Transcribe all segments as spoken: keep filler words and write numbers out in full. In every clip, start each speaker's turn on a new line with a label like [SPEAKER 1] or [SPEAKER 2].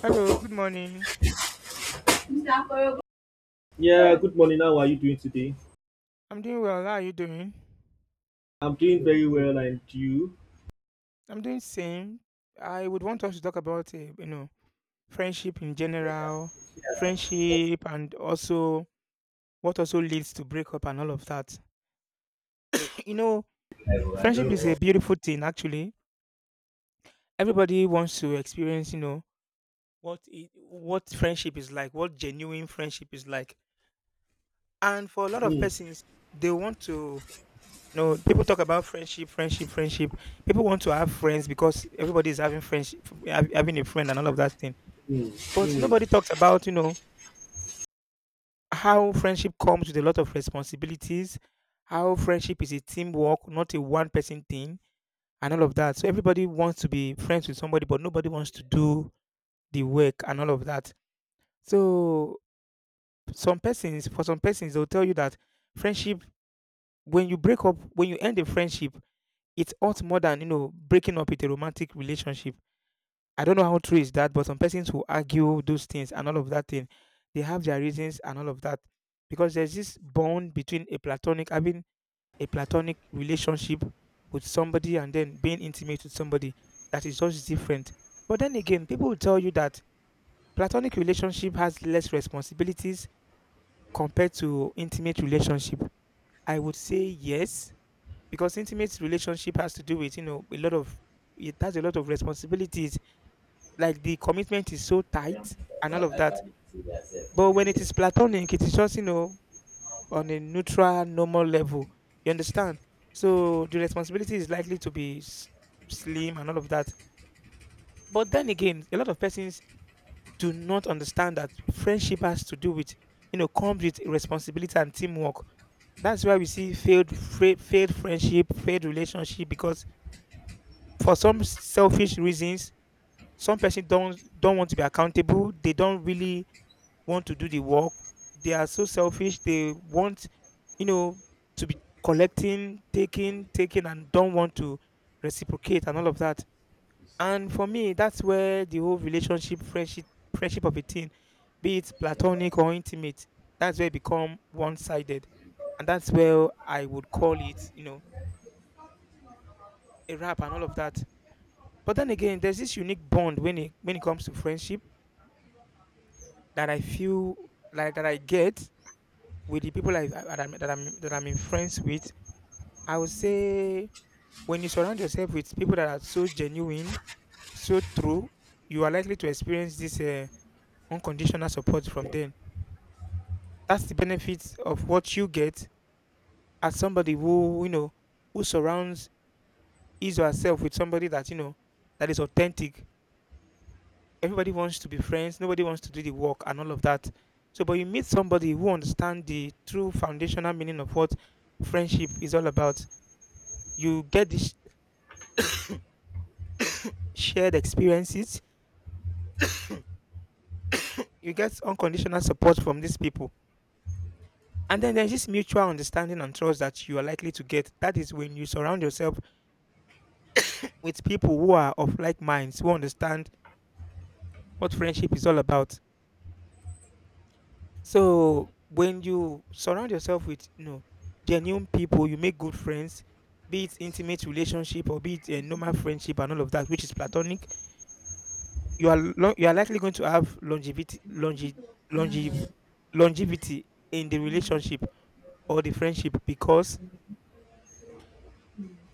[SPEAKER 1] Hello, good morning.
[SPEAKER 2] Yeah, good morning. How are you doing today?
[SPEAKER 1] I'm doing well. How are you doing?
[SPEAKER 2] I'm doing very well, and you?
[SPEAKER 1] I'm doing same. I would want us to talk about uh, you know friendship in general, friendship, and also what also leads to breakup and all of that. You know, Friendship is a beautiful thing. Actually, everybody wants to experience you know what it, what friendship is like, what genuine friendship is like. And for a lot of
[SPEAKER 2] Mm,
[SPEAKER 1] persons, they want to no, people talk about friendship, friendship, friendship. People want to have friends because everybody is having friendship, hav- having a friend, and all of that thing.
[SPEAKER 2] mm,
[SPEAKER 1] But nobody
[SPEAKER 2] mm.
[SPEAKER 1] talks about, you know, how friendship comes with a lot of responsibilities, how friendship is a teamwork, not a one person thing, and all of that. So everybody wants to be friends with somebody, but nobody wants to do the work and all of that. So some persons, for some persons, they'll tell you that friendship, when you break up, when you end a friendship, it hurts more than, you know, breaking up with a romantic relationship. I don't know how true is that, but some persons who argue those things and all of that thing, they have their reasons and all of that. Because there's this bond between a platonic, having a platonic relationship with somebody and then being intimate with somebody that is just different. But then again, people will tell you that platonic relationship has less responsibilities compared to intimate relationship. I would say yes, because intimate relationship has to do with you know a lot of it has a lot of responsibilities, like the commitment is so tight and all of that. But when it is platonic, it is just, you know on a neutral normal level, you understand. So the responsibility is likely to be s- slim and all of that. But then again, a lot of persons do not understand that friendship has to do with you know comes with responsibility and teamwork. That's why we see failed fra- failed friendship, failed relationship, because for some selfish reasons, some person don't don't want to be accountable. They don't really want to do the work. They are so selfish, they want, you know to be collecting, taking taking, and don't want to reciprocate and all of that. And for me, that's where the whole relationship, friendship friendship of a thing, be it platonic or intimate, that's where it become one-sided. And that's where I would call it, you know a rap and all of that. But then again, there's this unique bond when it when it comes to friendship that I feel like that I get with the people I, I- that I'm that I'm that I'm in friends with. I would say when you surround yourself with people that are so genuine, so true, you are likely to experience this uh, unconditional support from them. That's the benefit of what you get as somebody who you know who surrounds his or herself with somebody that you know that is authentic. Everybody wants to be friends, nobody wants to do the work and all of that. So, but you meet somebody who understands the true foundational meaning of what friendship is all about. You get this shared experiences, you get unconditional support from these people, and then there's this mutual understanding and trust that you are likely to get. That is when you surround yourself with people who are of like minds, who understand what friendship is all about. So when you surround yourself with you know genuine people, you make good friends, be it intimate relationship or be it a normal friendship and all of that, which is platonic. You are lo- you are likely going to have longevity, longe- longe- longevity in the relationship or the friendship, because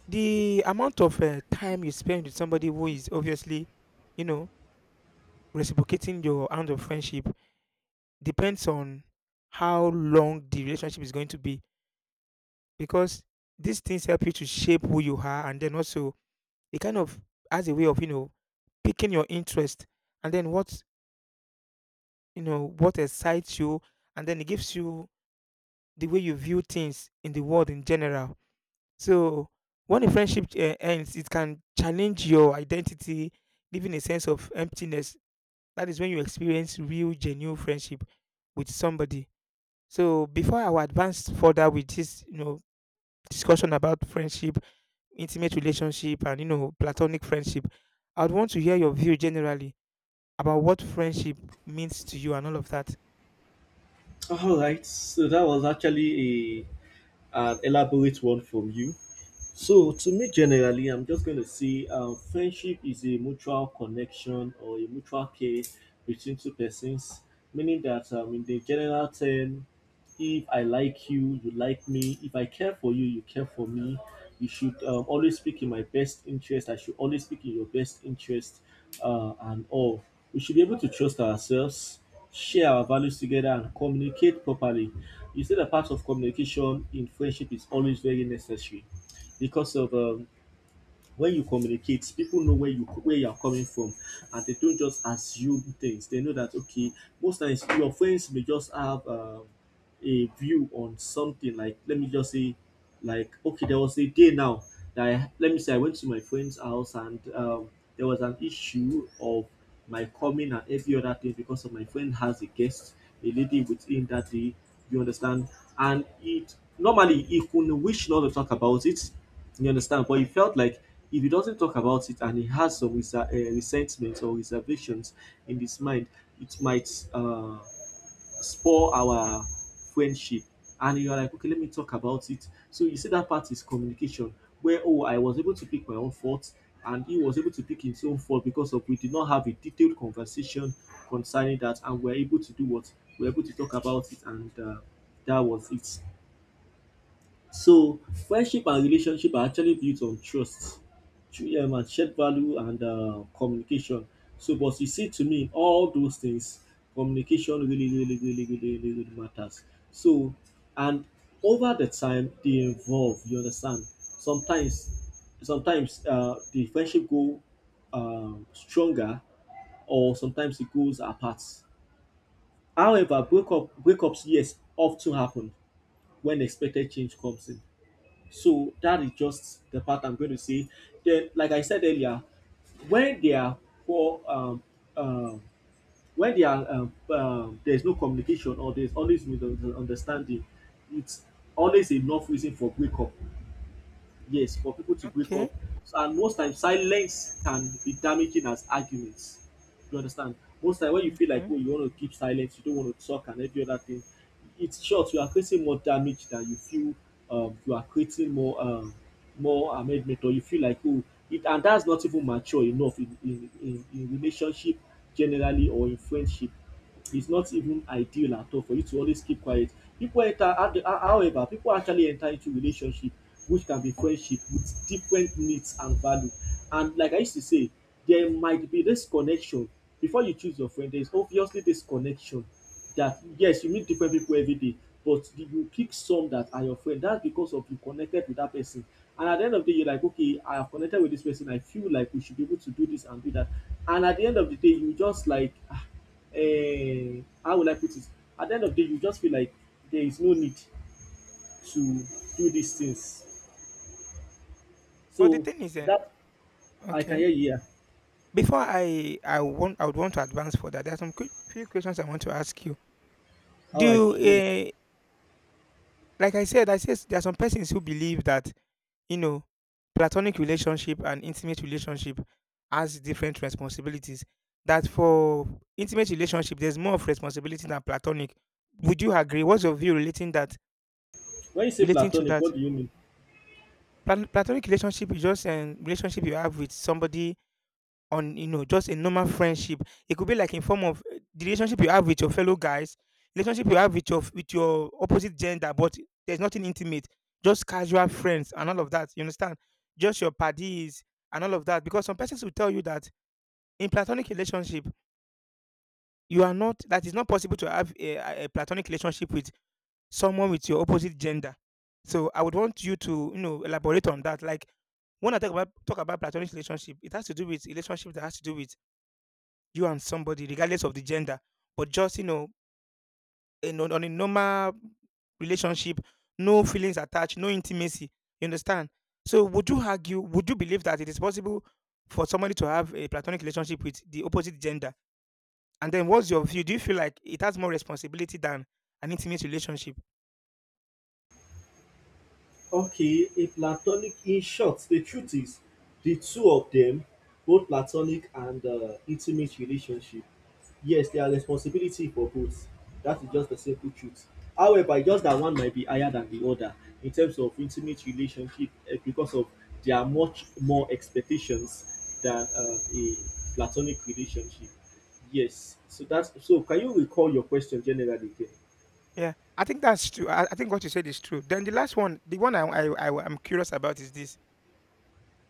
[SPEAKER 1] the amount of uh, time you spend with somebody who is obviously, you know, reciprocating your amount of friendship, depends on how long the relationship is going to be. Because these things help you to shape who you are, and then also it kind of has a way of, you know picking your interest, and then what you know what excites you. And then it gives you the way you view things in the world in general. So when a friendship uh, ends, it can challenge your identity, leaving a sense of emptiness. That is when you experience real genuine friendship with somebody. So before I will advance further with this, you know discussion about friendship, intimate relationship, and you know platonic friendship, I'd want to hear your view generally about what friendship means to you and all of that.
[SPEAKER 2] All right. So that was actually a an elaborate one from you. So, to me, generally, I'm just going to say um, friendship is a mutual connection or a mutual care between two persons, meaning that um, in the general term, if I like you, you like me. If I care for you, you care for me. You should um, always speak in my best interest. I should always speak in your best interest uh, and all. We should be able to trust ourselves, share our values together, and communicate properly. You see, the part of communication in friendship is always very necessary because of um, when you communicate, people know where you where you are coming from, and they don't just assume things. They know that, okay, most times your friends may just have um, a view on something. Like, let me just say, like, okay, there was a day now that I, let me say, I went to my friend's house, and um, there was an issue of my coming and every other thing, because of my friend has a guest, a lady with him that day, you understand. And it normally he could wish not to talk about it, you understand? But he felt like if he doesn't talk about it and he has some resa- uh, resentment or reservations in his mind, it might uh, spoil our friendship. And you're like, okay, let me talk about it. So you see, that part is communication, where, oh, I was able to pick my own faults and he was able to pick his own fault because of we did not have a detailed conversation concerning that, and we're able to do what? We're able to talk about it, and uh, that was it. So friendship and relationship are actually built on trust, tru- um, and shared value and uh, communication. So, but you see, to me, all those things, communication really, really, really, really, really, really matters. So, and over the time, they evolve. You understand? Sometimes, sometimes uh, the friendship go um, stronger, or sometimes it goes apart. However, breakup breakups yes often happen when expected change comes in, so that is just the part I'm going to say. Then, like I said earlier, when they are poor, um, um, when they are um, um, there's no communication or there's always misunderstanding, it's always enough reason for breakup, yes, for people to wake
[SPEAKER 1] Okay,
[SPEAKER 2] up. So, and most times silence can be damaging as arguments, you understand. Most time when you feel like,
[SPEAKER 1] okay.
[SPEAKER 2] oh, you want to keep silence, you don't want to talk and every other thing, it's short, you are creating more damage than you feel. um, you are creating more um, more amendment, or you feel like, oh, it, and that's not even mature enough in in, in, in relationship generally or in friendship, is not even ideal at all for you to always keep quiet. People enter However, people actually enter into relationship, which can be friendship, with different needs and value. And like I used to say, there might be this connection. Before you choose your friend, there is obviously this connection that, yes, you meet different people everyday, but you will pick some that are your friend, that's because of you connected with that person. And at the end of the day, you like, okay, I have connected with this person, I feel like we should be able to do this and do that. And at the end of the day, you just like, ah, uh, how will I put it? At the end of the day, you just feel like there is no need to do these things.
[SPEAKER 1] But the
[SPEAKER 2] So
[SPEAKER 1] thing is, eh,
[SPEAKER 2] that I can
[SPEAKER 1] okay.
[SPEAKER 2] hear you. Here.
[SPEAKER 1] Before I I want I would want to advance further. There are some quick, few questions I want to ask you.
[SPEAKER 2] How I
[SPEAKER 1] Do
[SPEAKER 2] go.
[SPEAKER 1] uh, Like I said, I says there are some persons who believe that You know, platonic relationship and intimate relationship has different responsibilities. That for intimate relationship, there's more of responsibility than platonic. Would you agree? What's your view relating that?
[SPEAKER 2] When you say
[SPEAKER 1] Relating to
[SPEAKER 2] platonic,
[SPEAKER 1] that,
[SPEAKER 2] what do you mean?
[SPEAKER 1] Plat- platonic relationship is just a relationship you have with somebody, on you know just a normal friendship. It could be like in form of uh, the relationship you have with your fellow guys, relationship you have with your with your opposite gender, but there's nothing intimate, just casual friends and all of that. You understand? Just your buddies and all of that. Because some persons will tell you that in platonic relationship, you are not that is not possible to have a, a a platonic relationship with someone with your opposite gender. So I would want you to, you know elaborate on that. Like when I talk about talk about platonic relationship, it has to do with relationship that has to do with you and somebody, regardless of the gender, but just, you know, in, on on a normal relationship, no feelings attached, no intimacy. You understand? So would you argue? Would you believe that it is possible for somebody to have a platonic relationship with the opposite gender? And then, what's your view? Do you feel like it has more responsibility than an intimate relationship?
[SPEAKER 2] Okay, a platonic, in short, the truth is, the two of them, both platonic and uh, intimate relationship, yes, they are responsibility for both. That is just the simple truth. However, just that one might be higher than the other. In terms of intimate relationship, eh, because of there are much more expectations than uh, a platonic relationship. Yes. So that's so. Can you recall your question generally again?
[SPEAKER 1] Yeah, I think that's true. I, I think what you said is true. Then the last one, the one I, I, I am curious about is this.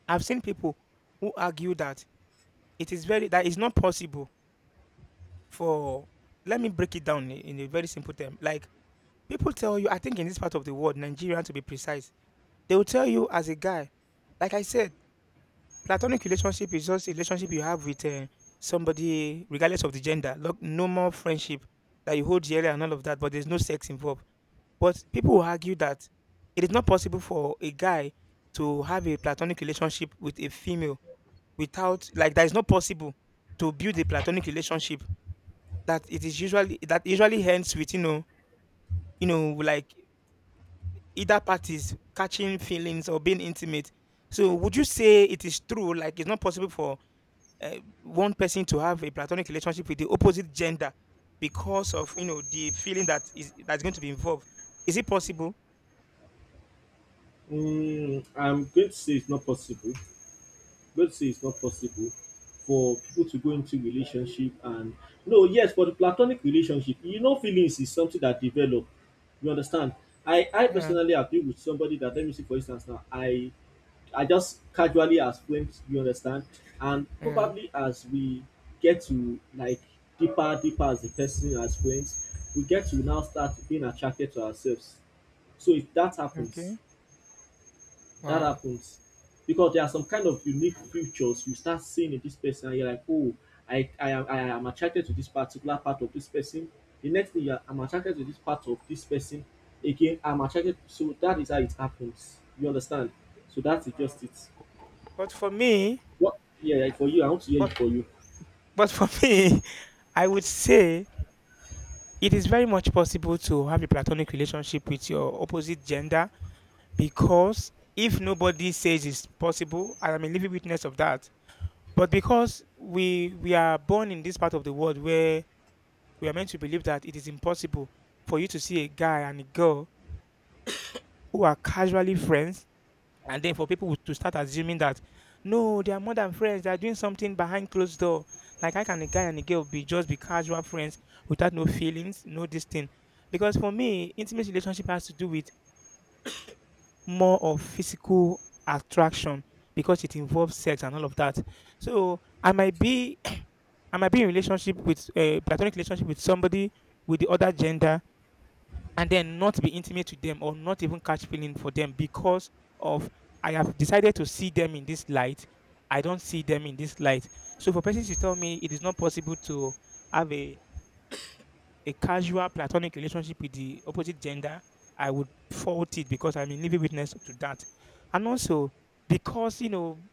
[SPEAKER 1] I've seen people who argue that it is very that it's not possible for, let me break it down, i- in a very simple term. Like people tell you, I think in this part of the world, Nigerian to be precise, they will tell you as a guy, like I said, platonic relationship is just a relationship you have with uh, somebody, regardless of the gender. Look, no more friendship that you hold dearly and all of that, but there's no sex involved. But people will argue that it is not possible for a guy to have a platonic relationship with a female without, like, that is not possible to build a platonic relationship, that it is usually that usually ends with you know you know like either parties catching feelings or being intimate. So would you say it is true, like it's not possible for uh, one person to have a platonic relationship with the opposite gender because of, you know the feeling that is that's going to be involved? Is it possible?
[SPEAKER 2] Mm, I'm going to say it's not possible. But say it's not possible for people to go into relationship and no, yes, for the platonic relationship, you know, feelings is something that develop. You understand? I I
[SPEAKER 1] Yeah,
[SPEAKER 2] personally agree with somebody that, let me see, for instance, now I I just casually as friends, you understand. And
[SPEAKER 1] yeah.
[SPEAKER 2] probably as we get to like deeper deeper as the person as friends, we get to now start being attracted to ourselves. So if that happens,
[SPEAKER 1] Okay.
[SPEAKER 2] that
[SPEAKER 1] Wow.
[SPEAKER 2] happens, because there are some kind of unique features you start seeing in this person, and you're like, oh, I, I am I am attracted to this particular part of this person. The next thing, you're, I'm attracted to this part of this person. Again, I'm attracted. So that is how it happens. You understand? So that's
[SPEAKER 1] Wow.
[SPEAKER 2] just it.
[SPEAKER 1] But for me,
[SPEAKER 2] What? Yeah, yeah, for you, I want to hear
[SPEAKER 1] but
[SPEAKER 2] it for you.
[SPEAKER 1] but for me, I would say it is very much possible to have a platonic relationship with your opposite gender, because if nobody says it's possible, I am a living witness of that. But because we we are born in this part of the world where we are meant to believe that it is impossible for you to see a guy and a girl who are casually friends, and then for people to start assuming that no, they are more than friends, they are doing something behind closed door. Like how can a guy and a girl be just be casual friends without no feelings, no this thing? Because for me, intimate relationship has to do with more of physical attraction because it involves sex and all of that. So I might be I might be in relationship with a platonic relationship with somebody with the other gender, and then not be intimate with them or not even catch feeling for them, because of I have decided to see them in this light. I don't see them in this light. So for persons to tell me it is not possible to have a a casual platonic relationship with the opposite gender, I would fault it because I'm a living witness to that. And also because, you know,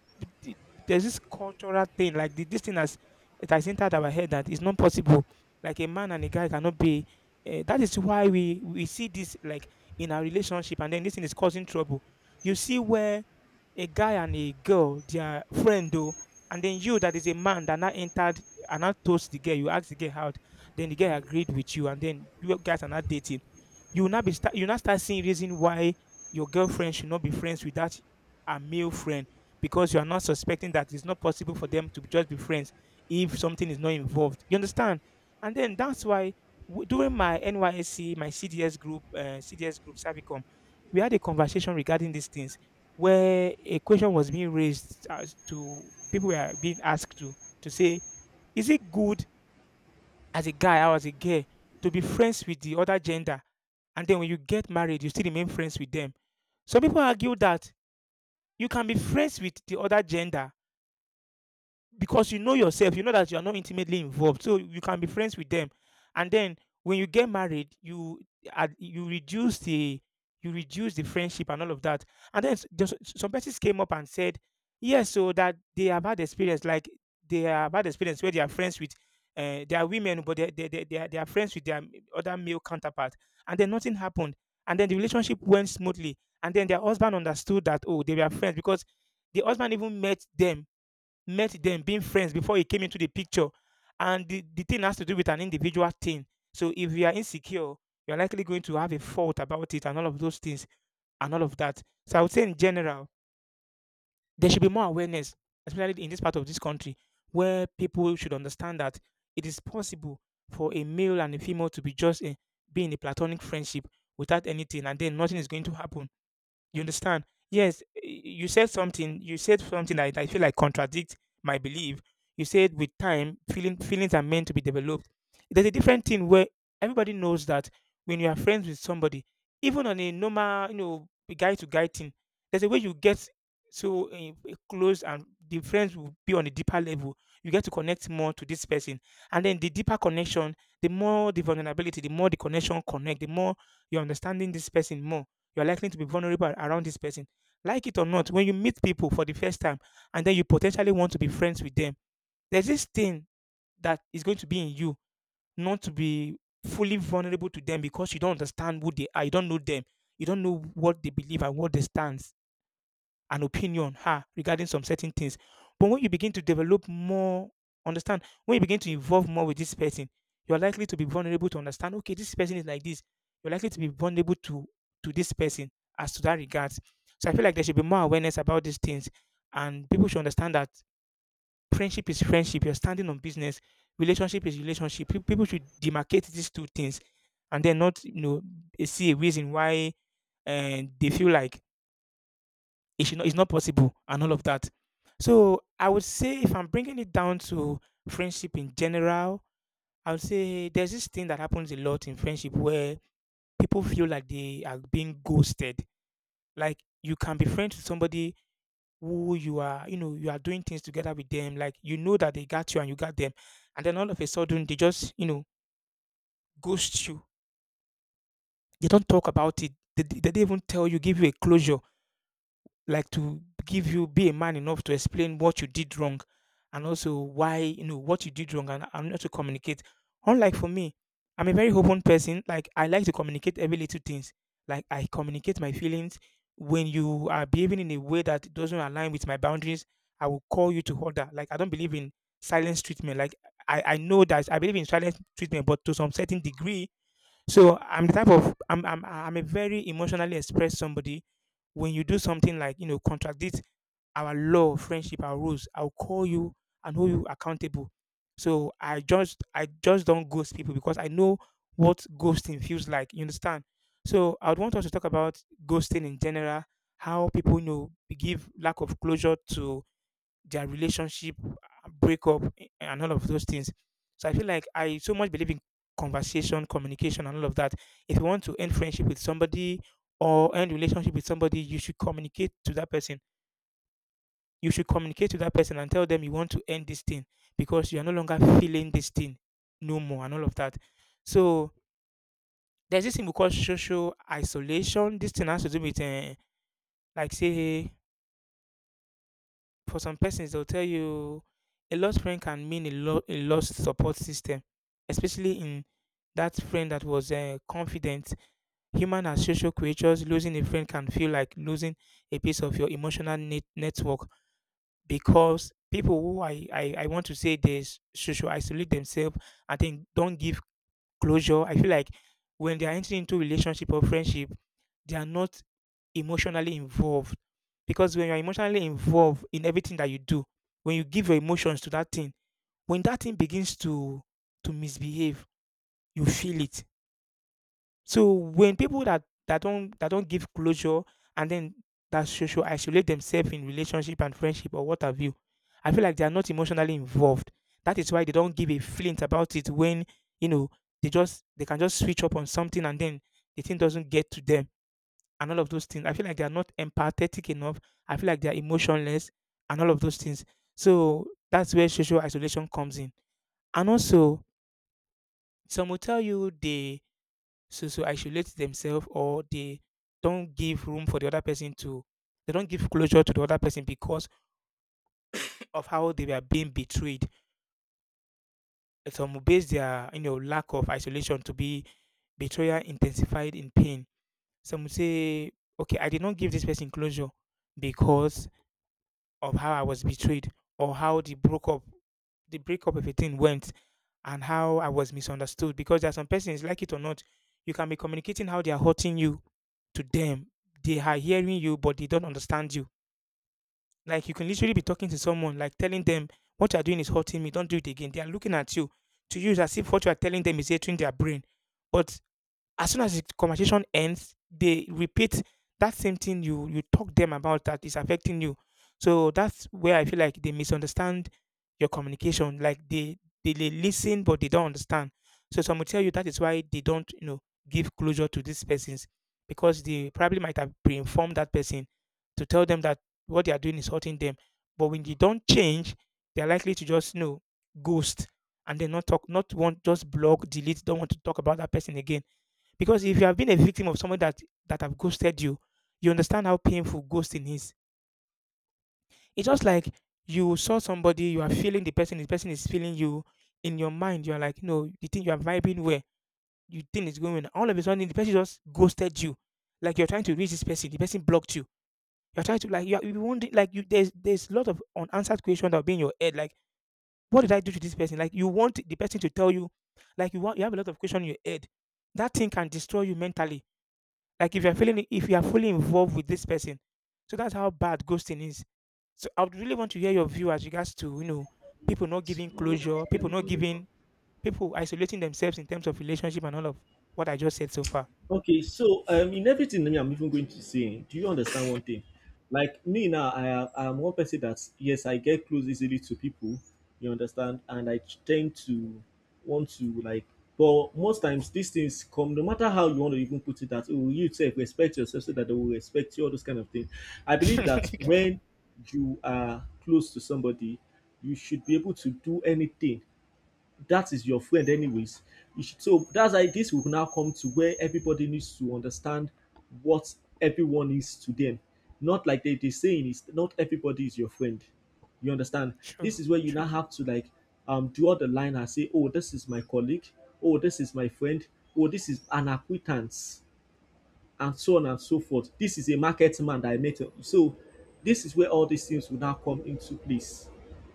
[SPEAKER 1] the- there's this cultural thing, like the, this thing has, it has entered our head that it's not possible. Like a man and a guy cannot be. Uh, that is why we, we see this like in our relationship, and then this thing is causing trouble. You see where a guy and a girl, their friend though, and then you that is a man that now entered and now toast the girl, you ask the girl out, then the girl agreed with you, and then you guys are not dating. You will not be start, You now start seeing reason why your girlfriend should not be friends with that a male friend, because you are not suspecting that it's not possible for them to just be friends if something is not involved. You understand? And then that's why w- during my N Y S C, my C D S group, uh, C D S group, Savicom, we had a conversation regarding these things, where a question was being raised as to people were being asked to to say, is it good as a guy or as a girl to be friends with the other gender? And then when you get married, you still remain friends with them. Some people argue that you can be friends with the other gender because you know yourself, you know that you are not intimately involved, so you can be friends with them, and then when you get married you ad- you reduce the, you reduce the friendship and all of that. And then s- there's- some persons came up and said yes, so that they have had experience, like they have had experience where they are friends with, uh, they are women, but they, they, they, they, are, they are friends with their m- other male counterpart, and then nothing happened, and then the relationship went smoothly, and then their husband understood that, oh, they were friends, because the husband even met them, met them being friends before he came into the picture. And the, the thing has to do with an individual thing. So if you are insecure, you're likely going to have a fault about it and all of those things and all of that. So I would say in general, there should be more awareness, especially in this part of this country, where people should understand that it is possible for a male and a female to be just in, be in a platonic friendship without anything, and then nothing is going to happen. You understand? Yes, y- you said something. You said something that I feel like contradict my belief. You said with time, feeling feelings are meant to be developed. There's a different thing where everybody knows that when you are friends with somebody, even on a normal, you know, guy to guy thing, there's a way you get so eh, close, and the friends will be on a deeper level. You get to connect more to this person, and then the deeper connection, the more the vulnerability, the more the connection connect, the more you're understanding this person more, you're likely to be vulnerable around this person. Like it or not, when you meet people for the first time and then you potentially want to be friends with them, there's this thing that is going to be in you not to be fully vulnerable to them, because you don't understand who they are, you don't know them, you don't know what they believe and what they stand an opinion ah, regarding some certain things. But when you begin to develop more, understand, when you begin to involve more with this person, you're likely to be vulnerable to understand, okay, this person is like this. You're likely to be vulnerable to to this person as to that regards. So I feel like there should be more awareness about these things, and people should understand that friendship is friendship. You're standing on business. Relationship is relationship. Pe- People should demarcate these two things, and then not, you know, see a reason why, and they feel like it should not, it's not possible and all of that. So I would say, if I'm bringing it down to friendship in general, I would say there's this thing that happens a lot in friendship where people feel like they are being ghosted. Like you can be friends with somebody who you are, you know, you are doing things together with them. Like you know that they got you and you got them, and then all of a sudden they just, you know, ghost you. They don't talk about it. They, they they don't even tell you, give you a closure, like to give you, be a man enough to explain what you did wrong, and also why, you know what you did wrong, and, and not to communicate. Unlike for me, I'm a very open person. Like I like to communicate every little things. Like I communicate my feelings. When you are behaving in a way that doesn't align with my boundaries, I will call you to order. Like I don't believe in silence treatment. Like i i know that I believe in silence treatment, but to some certain degree. So I'm the type of i'm i'm, I'm a very emotionally expressed somebody. When you do something like, you know, contradict our law, friendship, our rules, I'll call you and hold you accountable. So I just I just don't ghost people, because I know what ghosting feels like. You understand? So I would want us to talk about ghosting in general, how people, you know, give lack of closure to their relationship, uh, breakup, a- and all of those things. So I feel like I so much believe in conversation, communication, and all of that. If you want to end friendship with somebody or end relationship with somebody, you should communicate to that person. You should communicate to that person and tell them you want to end this thing because you are no longer feeling this thing no more and all of that. So there's this thing we call social isolation. This thing has to do with, uh, like say, for some persons they'll tell you a lost friend can mean a, lo- a lost support system, especially in that friend that was, uh, confident. Human as social creatures, losing a friend can feel like losing a piece of your emotional net- network, because people who I, I i want to say they s- social isolate themselves, I think, don't give closure. I feel like when they are entering into relationship or friendship, they are not emotionally involved. Because when you're emotionally involved in everything that you do, when you give your emotions to that thing, when that thing begins to to misbehave, you feel it. So when people that that don't that don't give closure, and then that social isolate themselves in relationship and friendship or what have you, I feel like they are not emotionally involved. That is why they don't give a flint about it, when, you know, they just they can just switch up on something, and then the thing doesn't get to them and all of those things. I feel like they are not empathetic enough. I feel like they are emotionless and all of those things. So that's where social isolation comes in. And also, some will tell you they so so isolate themselves, or they don't give room for the other person to, they don't give closure to the other person because of how they were being betrayed. Some will base their, you know, lack of isolation to be betrayal intensified in pain. Some will say, okay, I did not give this person closure because of how I was betrayed, or how the broke up, the breakup of a thing went, and how I was misunderstood. Because there are some persons, like it or not, you can be communicating how they are hurting you to them. They are hearing you, but they don't understand you. Like you can literally be talking to someone, like telling them what you're doing is hurting me, don't do it again. They are looking at you to use as if what you are telling them is entering their brain. But as soon as the conversation ends, they repeat that same thing you you talk them about, that is affecting you. So that's where I feel like they misunderstand your communication. Like they they, they listen but they don't understand. So some will tell you that is why they don't, you know, give closure to these persons, because they probably might have pre-informed that person to tell them that what they are doing is hurting them. But when they don't change, they are likely to just, you know, ghost, and then not talk, not want, just block, delete, don't want to talk about that person again. Because if you have been a victim of someone that that have ghosted you, you understand how painful ghosting is. It's just like you saw somebody, you are feeling the person, the person is feeling you. In your mind, you are like, no, you think you are vibing where you think it's going. Well, all of a sudden, the person just ghosted you. Like you're trying to reach this person, the person blocked you. You're trying to like you, are- you want like you there's there's a lot of unanswered questions that will be in your head. Like, what did I do to this person? Like you want the person to tell you, like you want you have a lot of questions in your head. That thing can destroy you mentally. Like if you're feeling if you are fully involved with this person. So that's how bad ghosting is. So I would really want to hear your view as regards to, you know, people not giving closure, people not giving people isolating themselves in terms of relationship and all of what I just said so far.
[SPEAKER 2] Okay, so um, in everything, me, I'm even going to say, do you understand one thing? Like me now, I am I am one person that, yes, I get close easily to people. You understand, and I tend to want to like, but most times these things come, no matter how you want to even put it. That, oh, you say respect yourself so that they will respect you, all those kind of things. I believe that when you are close to somebody, you should be able to do anything that is your friend anyways, you should. So that's why this will now come to where everybody needs to understand what everyone is to them. Not like they, they saying is not everybody is your friend, you understand.
[SPEAKER 1] True,
[SPEAKER 2] This is where you now
[SPEAKER 1] true.
[SPEAKER 2] have to like um draw the line and say, oh, this is my colleague, oh, this is my friend, oh, this is an acquaintance, and so on and so forth. This is a market man that I met. So this is where all these things will now come into place.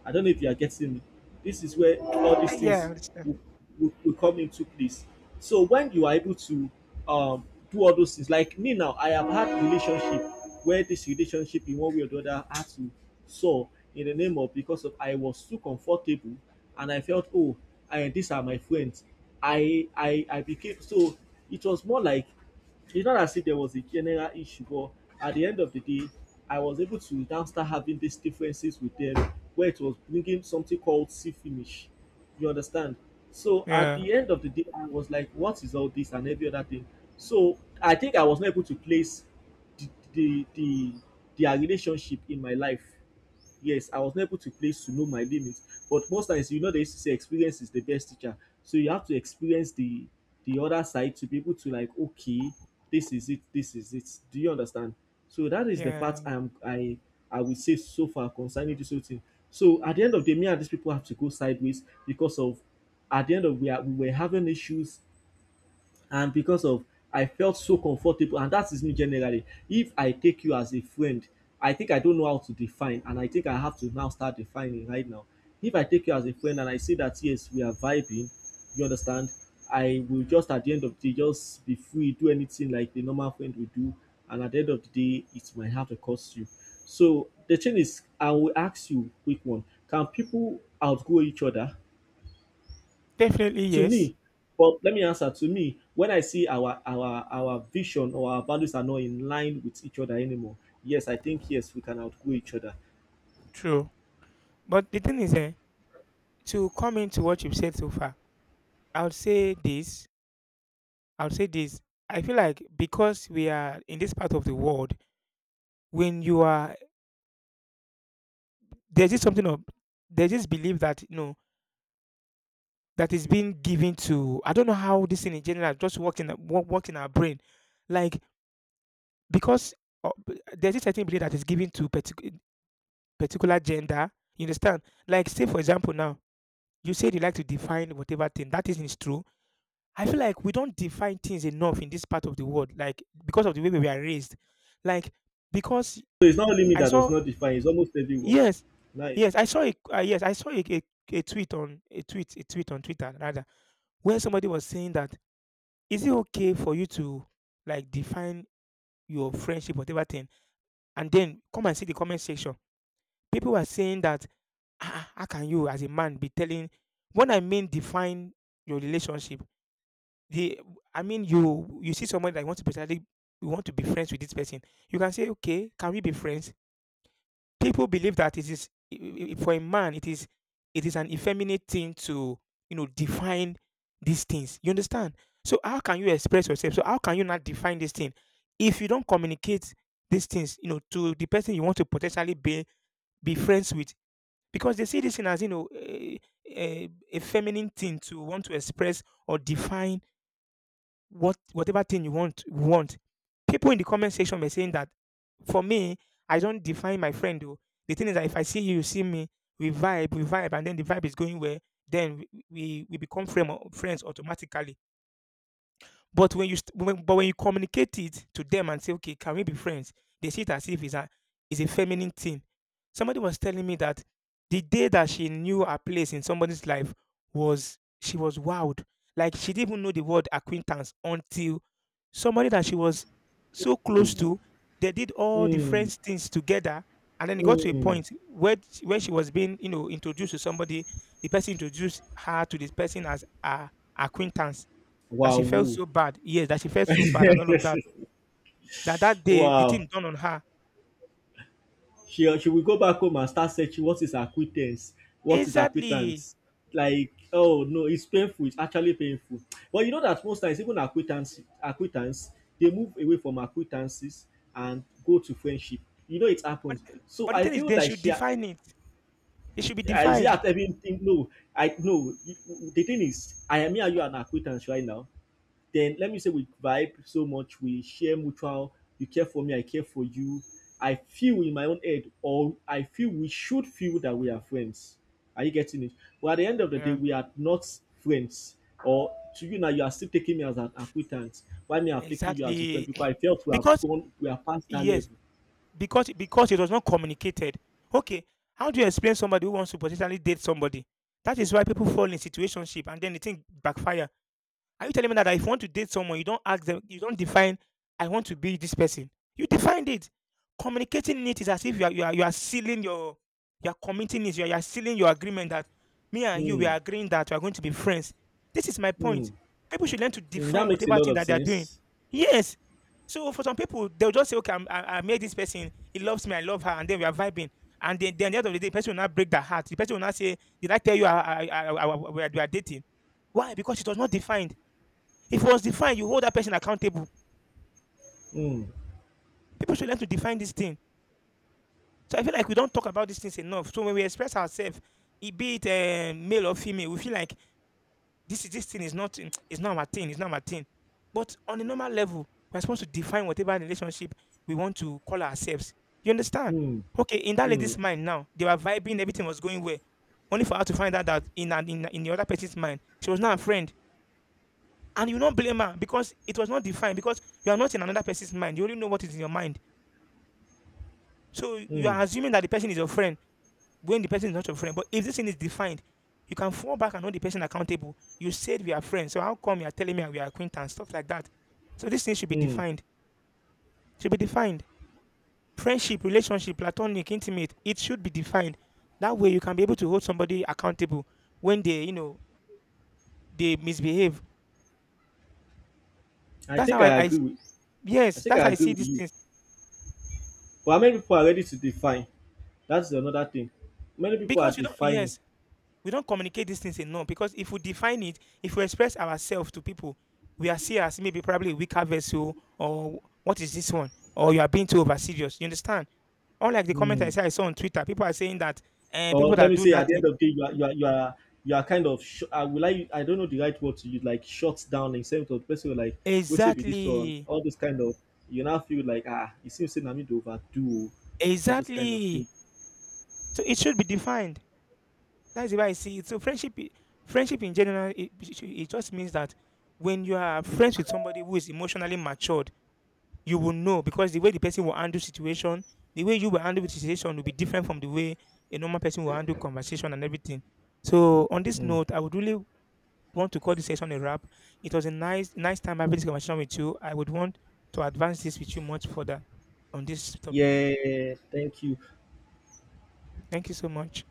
[SPEAKER 2] I don't know if you are getting me. This is where all
[SPEAKER 1] Eh,
[SPEAKER 2] these
[SPEAKER 1] yeah, I
[SPEAKER 2] things
[SPEAKER 1] understand.
[SPEAKER 2] will, will, will come into place. So when you are able to um, do all those things, like me now, I have had relationship where this relationship in one way or the other had to soar, in the name of, because of I was too comfortable and I felt, oh, and these are my friends. I I I became so, it was more like, it's not as if there was a general issue, but at the end of the day, I was able to now start having these differences with them, where it was bringing something called see finish. You understand? So at
[SPEAKER 1] Yeah,
[SPEAKER 2] the end of the day, I was like, what is all this and every other thing? So I think I was not able to place the the the their relationship in my life. Yes, I was not able to place to know my limit. But most times, you know, they used to say experience is the best teacher. So you have to experience the the other side to be able to, like, okay, this is it, this is it. Do you understand? So that is the part
[SPEAKER 1] yeah.
[SPEAKER 2] I'm I I would say so far concerning this whole thing. So at the end of the day, me and these people have to go sideways, because of at the end of we are we were having issues, and because of I felt so comfortable. And that is me generally, if I take you as a friend, I think I don't know how to define, and I think I have to now start defining right now. If I take you as a friend and I see that, yes, we are vibing, you understand, I will just at the end of the day just be free, do anything like the normal friend will do, and at the end of the day it might have to cost you. So the thing is, I will ask you quick one, can people outgrow each other?
[SPEAKER 1] Definitely
[SPEAKER 2] To
[SPEAKER 1] yes.
[SPEAKER 2] me, but let me answer, to me, when I see our our our vision or our values are not in line with each other anymore, yes, I think, yes, we can outgrow each other.
[SPEAKER 1] True. But the thing is, eh, to come into what you've said so far, I would say this. I would say this. I feel like because we are in this part of the world, when you are there's this something of there's this belief that, you know, that is being given to, I don't know how this thing in general just work in wo- work in our brain, like because uh, b- there's this certain belief that is given to particular particular gender. You understand? Like say for example now, you said you like to define whatever thing that isn't, is true. I feel like we don't define things enough in this part of the world, like because of the way we were raised, like because
[SPEAKER 2] So it's not only me
[SPEAKER 1] I
[SPEAKER 2] that does
[SPEAKER 1] saw
[SPEAKER 2] not define, it's almost everyone.
[SPEAKER 1] yes,
[SPEAKER 2] Nice.
[SPEAKER 1] yes I saw a, uh, yes I saw a, a, a tweet on a tweet a tweet on Twitter rather, where somebody was saying that, is it okay for you to like define your friendship whatever thing, and then come and see the comment section. People were saying that, ah, how can you as a man be telling, when I mean define your relationship, the, I mean you, you see somebody that you want to be you want to be friends with this person, you can say, okay, can we be friends? People believe that it is, i- i- for a man it is, it is an effeminate thing to, you know, define these things. You understand? So how can you express yourself, so how can you not define this thing if you don't communicate these things, you know, to the person you want to potentially be be friends with, because they see this thing as, you know, a, a, a feminine thing to want to express or define what whatever thing you want want. People in the comment section were saying that, for me, I don't define my friend though. The thing is that if I see you, you see me, we vibe, we vibe, and then the vibe is going where, then we we we become frame, friends automatically. But when you st- when, but when you communicate it to them and say, okay, can we be friends? They see it as if it's a, it's a feminine thing. Somebody was telling me that the day that she knew her place in somebody's life, was she was wowed. Like she didn't even know the word acquaintance until somebody that she was so close
[SPEAKER 2] Mm.
[SPEAKER 1] to, they did all the
[SPEAKER 2] Mm.
[SPEAKER 1] friends things together. And then it got to a
[SPEAKER 2] Mm.
[SPEAKER 1] point where where she was being, you know, introduced to somebody. The person introduced her to this person as a acquaintance, that she felt
[SPEAKER 2] Wow.
[SPEAKER 1] so bad. Yes, that she felt so bad and all of that. That that day the thing
[SPEAKER 2] Wow,
[SPEAKER 1] done on her.
[SPEAKER 2] she she will go back home and start searching, what is acquittance, what is
[SPEAKER 1] Exactly.
[SPEAKER 2] acquittance. Like, oh, no, it's painful. It's actually painful. But you know that most times, even acquittance, acquittance, they move away from acquittances and go to friendship. You know it
[SPEAKER 1] But
[SPEAKER 2] happens.
[SPEAKER 1] the-
[SPEAKER 2] So
[SPEAKER 1] but the
[SPEAKER 2] I
[SPEAKER 1] thing is,
[SPEAKER 2] feel
[SPEAKER 1] they
[SPEAKER 2] like
[SPEAKER 1] should
[SPEAKER 2] she ha-
[SPEAKER 1] define it. It should be
[SPEAKER 2] is it
[SPEAKER 1] defined.
[SPEAKER 2] at everything? No, I no. The thing is, I am me and you are an acquittance right now, then let me say we vibe so much, we share mutual, you care for me, I care for you. I feel in my own head, or I feel we should feel that we are friends. Are you getting it? But at the end of the day,
[SPEAKER 1] Yeah.
[SPEAKER 2] we are not friends. Or to you now, you are still taking me as an acquaintance. Why me, I'm taking you as a friend,
[SPEAKER 1] Exactly.
[SPEAKER 2] because I felt we have
[SPEAKER 1] Because
[SPEAKER 2] gone, we are past that
[SPEAKER 1] yes,
[SPEAKER 2] level.
[SPEAKER 1] because because it was not communicated. Okay, how do you explain somebody who wants to potentially date somebody? That is why people fall in situationship and then the thing backfires. Are you telling me that, if you want to date someone, you don't ask them, you don't define, I want to be this person? You defined it. Communicating it is as if you are, you are, you are sealing your, you are committing it, you are, you are sealing your agreement that me and you, we
[SPEAKER 2] Hmm.
[SPEAKER 1] are agreeing that we are going to be friends. This is my
[SPEAKER 2] Hmm.
[SPEAKER 1] point. People should learn to
[SPEAKER 2] Hmm. That
[SPEAKER 1] define
[SPEAKER 2] makes a
[SPEAKER 1] whatever
[SPEAKER 2] lot
[SPEAKER 1] thing
[SPEAKER 2] of
[SPEAKER 1] that they are doing.
[SPEAKER 2] sense.
[SPEAKER 1] Yes. So for some people, they'll just say, okay, I'm, I, I made this person, he loves me, I love her, and then we are vibing. And then, then at the end of the day, the person will not break their heart. The person will not say, did I tell you I, I, I, I, we, are, we are dating? Why? Because it was not defined. If it was defined, you hold that person accountable.
[SPEAKER 2] Hmm.
[SPEAKER 1] People should learn to define this thing. So I feel like we don't talk about these things enough. So when we express ourselves, it be it eh, male or female, we feel like this is this thing is not, it's not our thing, it's not our thing. But on a normal level, we're supposed to define whatever relationship we want to call ourselves. You understand?
[SPEAKER 2] Hmm.
[SPEAKER 1] Okay, in that
[SPEAKER 2] Hmm.
[SPEAKER 1] lady's mind now, they were vibing, everything was going well. Only for her to find out that in an, in, in the other person's mind, she was not a friend. And you don't blame her because it was not defined, because you are not in another person's mind. You only know what is in your mind. So you
[SPEAKER 2] Hmm.
[SPEAKER 1] are assuming that the person is your friend when the person is not your friend. But if this thing is defined, you can fall back and hold the person accountable. You said we are friends, so how come you are telling me we are acquaintance? Stuff like that. So this thing should be
[SPEAKER 2] Hmm.
[SPEAKER 1] defined. Should be defined. Friendship, relationship, platonic, intimate. It should be defined. That way you can be able to hold somebody accountable when they, you know, they misbehave.
[SPEAKER 2] I
[SPEAKER 1] That's how
[SPEAKER 2] think
[SPEAKER 1] I,
[SPEAKER 2] I
[SPEAKER 1] I
[SPEAKER 2] agree with. I
[SPEAKER 1] yes,
[SPEAKER 2] think
[SPEAKER 1] that's
[SPEAKER 2] I
[SPEAKER 1] how I
[SPEAKER 2] agree
[SPEAKER 1] see
[SPEAKER 2] with
[SPEAKER 1] these
[SPEAKER 2] you.
[SPEAKER 1] things.
[SPEAKER 2] But how many people are ready to define? That's another thing. Many people are
[SPEAKER 1] Because you don't,
[SPEAKER 2] defining,
[SPEAKER 1] yes, we don't communicate these things enough, because if we define it, if we express ourselves to people, we are seen as maybe probably a weaker vessel, or what is this one? Or you are being too over serious. You understand? Unlike the comment I
[SPEAKER 2] mm,
[SPEAKER 1] said I saw on Twitter, people are saying that and people
[SPEAKER 2] or let
[SPEAKER 1] that
[SPEAKER 2] me
[SPEAKER 1] do
[SPEAKER 2] say, at
[SPEAKER 1] that
[SPEAKER 2] the
[SPEAKER 1] thing.
[SPEAKER 2] end of the day, you are you are you are, you are kind of sh- I will I I don't know the right word to use, like shut down in sense of person will like what's it be this one,
[SPEAKER 1] Exactly.
[SPEAKER 2] all this kind of you now feel like, ah, it seems saying I need to overdo all this kind of thing.
[SPEAKER 1] Exactly. So it should be defined. That's the way I see it. So friendship i- friendship in general, it, it should- it just means that when you are friends with somebody who is emotionally matured, you will know, because the way the person will handle situation, the way you will handle the situation will be different from the way a normal person will handle conversation and everything. So on this
[SPEAKER 2] Mm.
[SPEAKER 1] note, I would really want to call this session a wrap. It was a nice nice time having this conversation with you. I would want to advance this with you much further on this topic.
[SPEAKER 2] Yeah, thank you.
[SPEAKER 1] Thank you so much.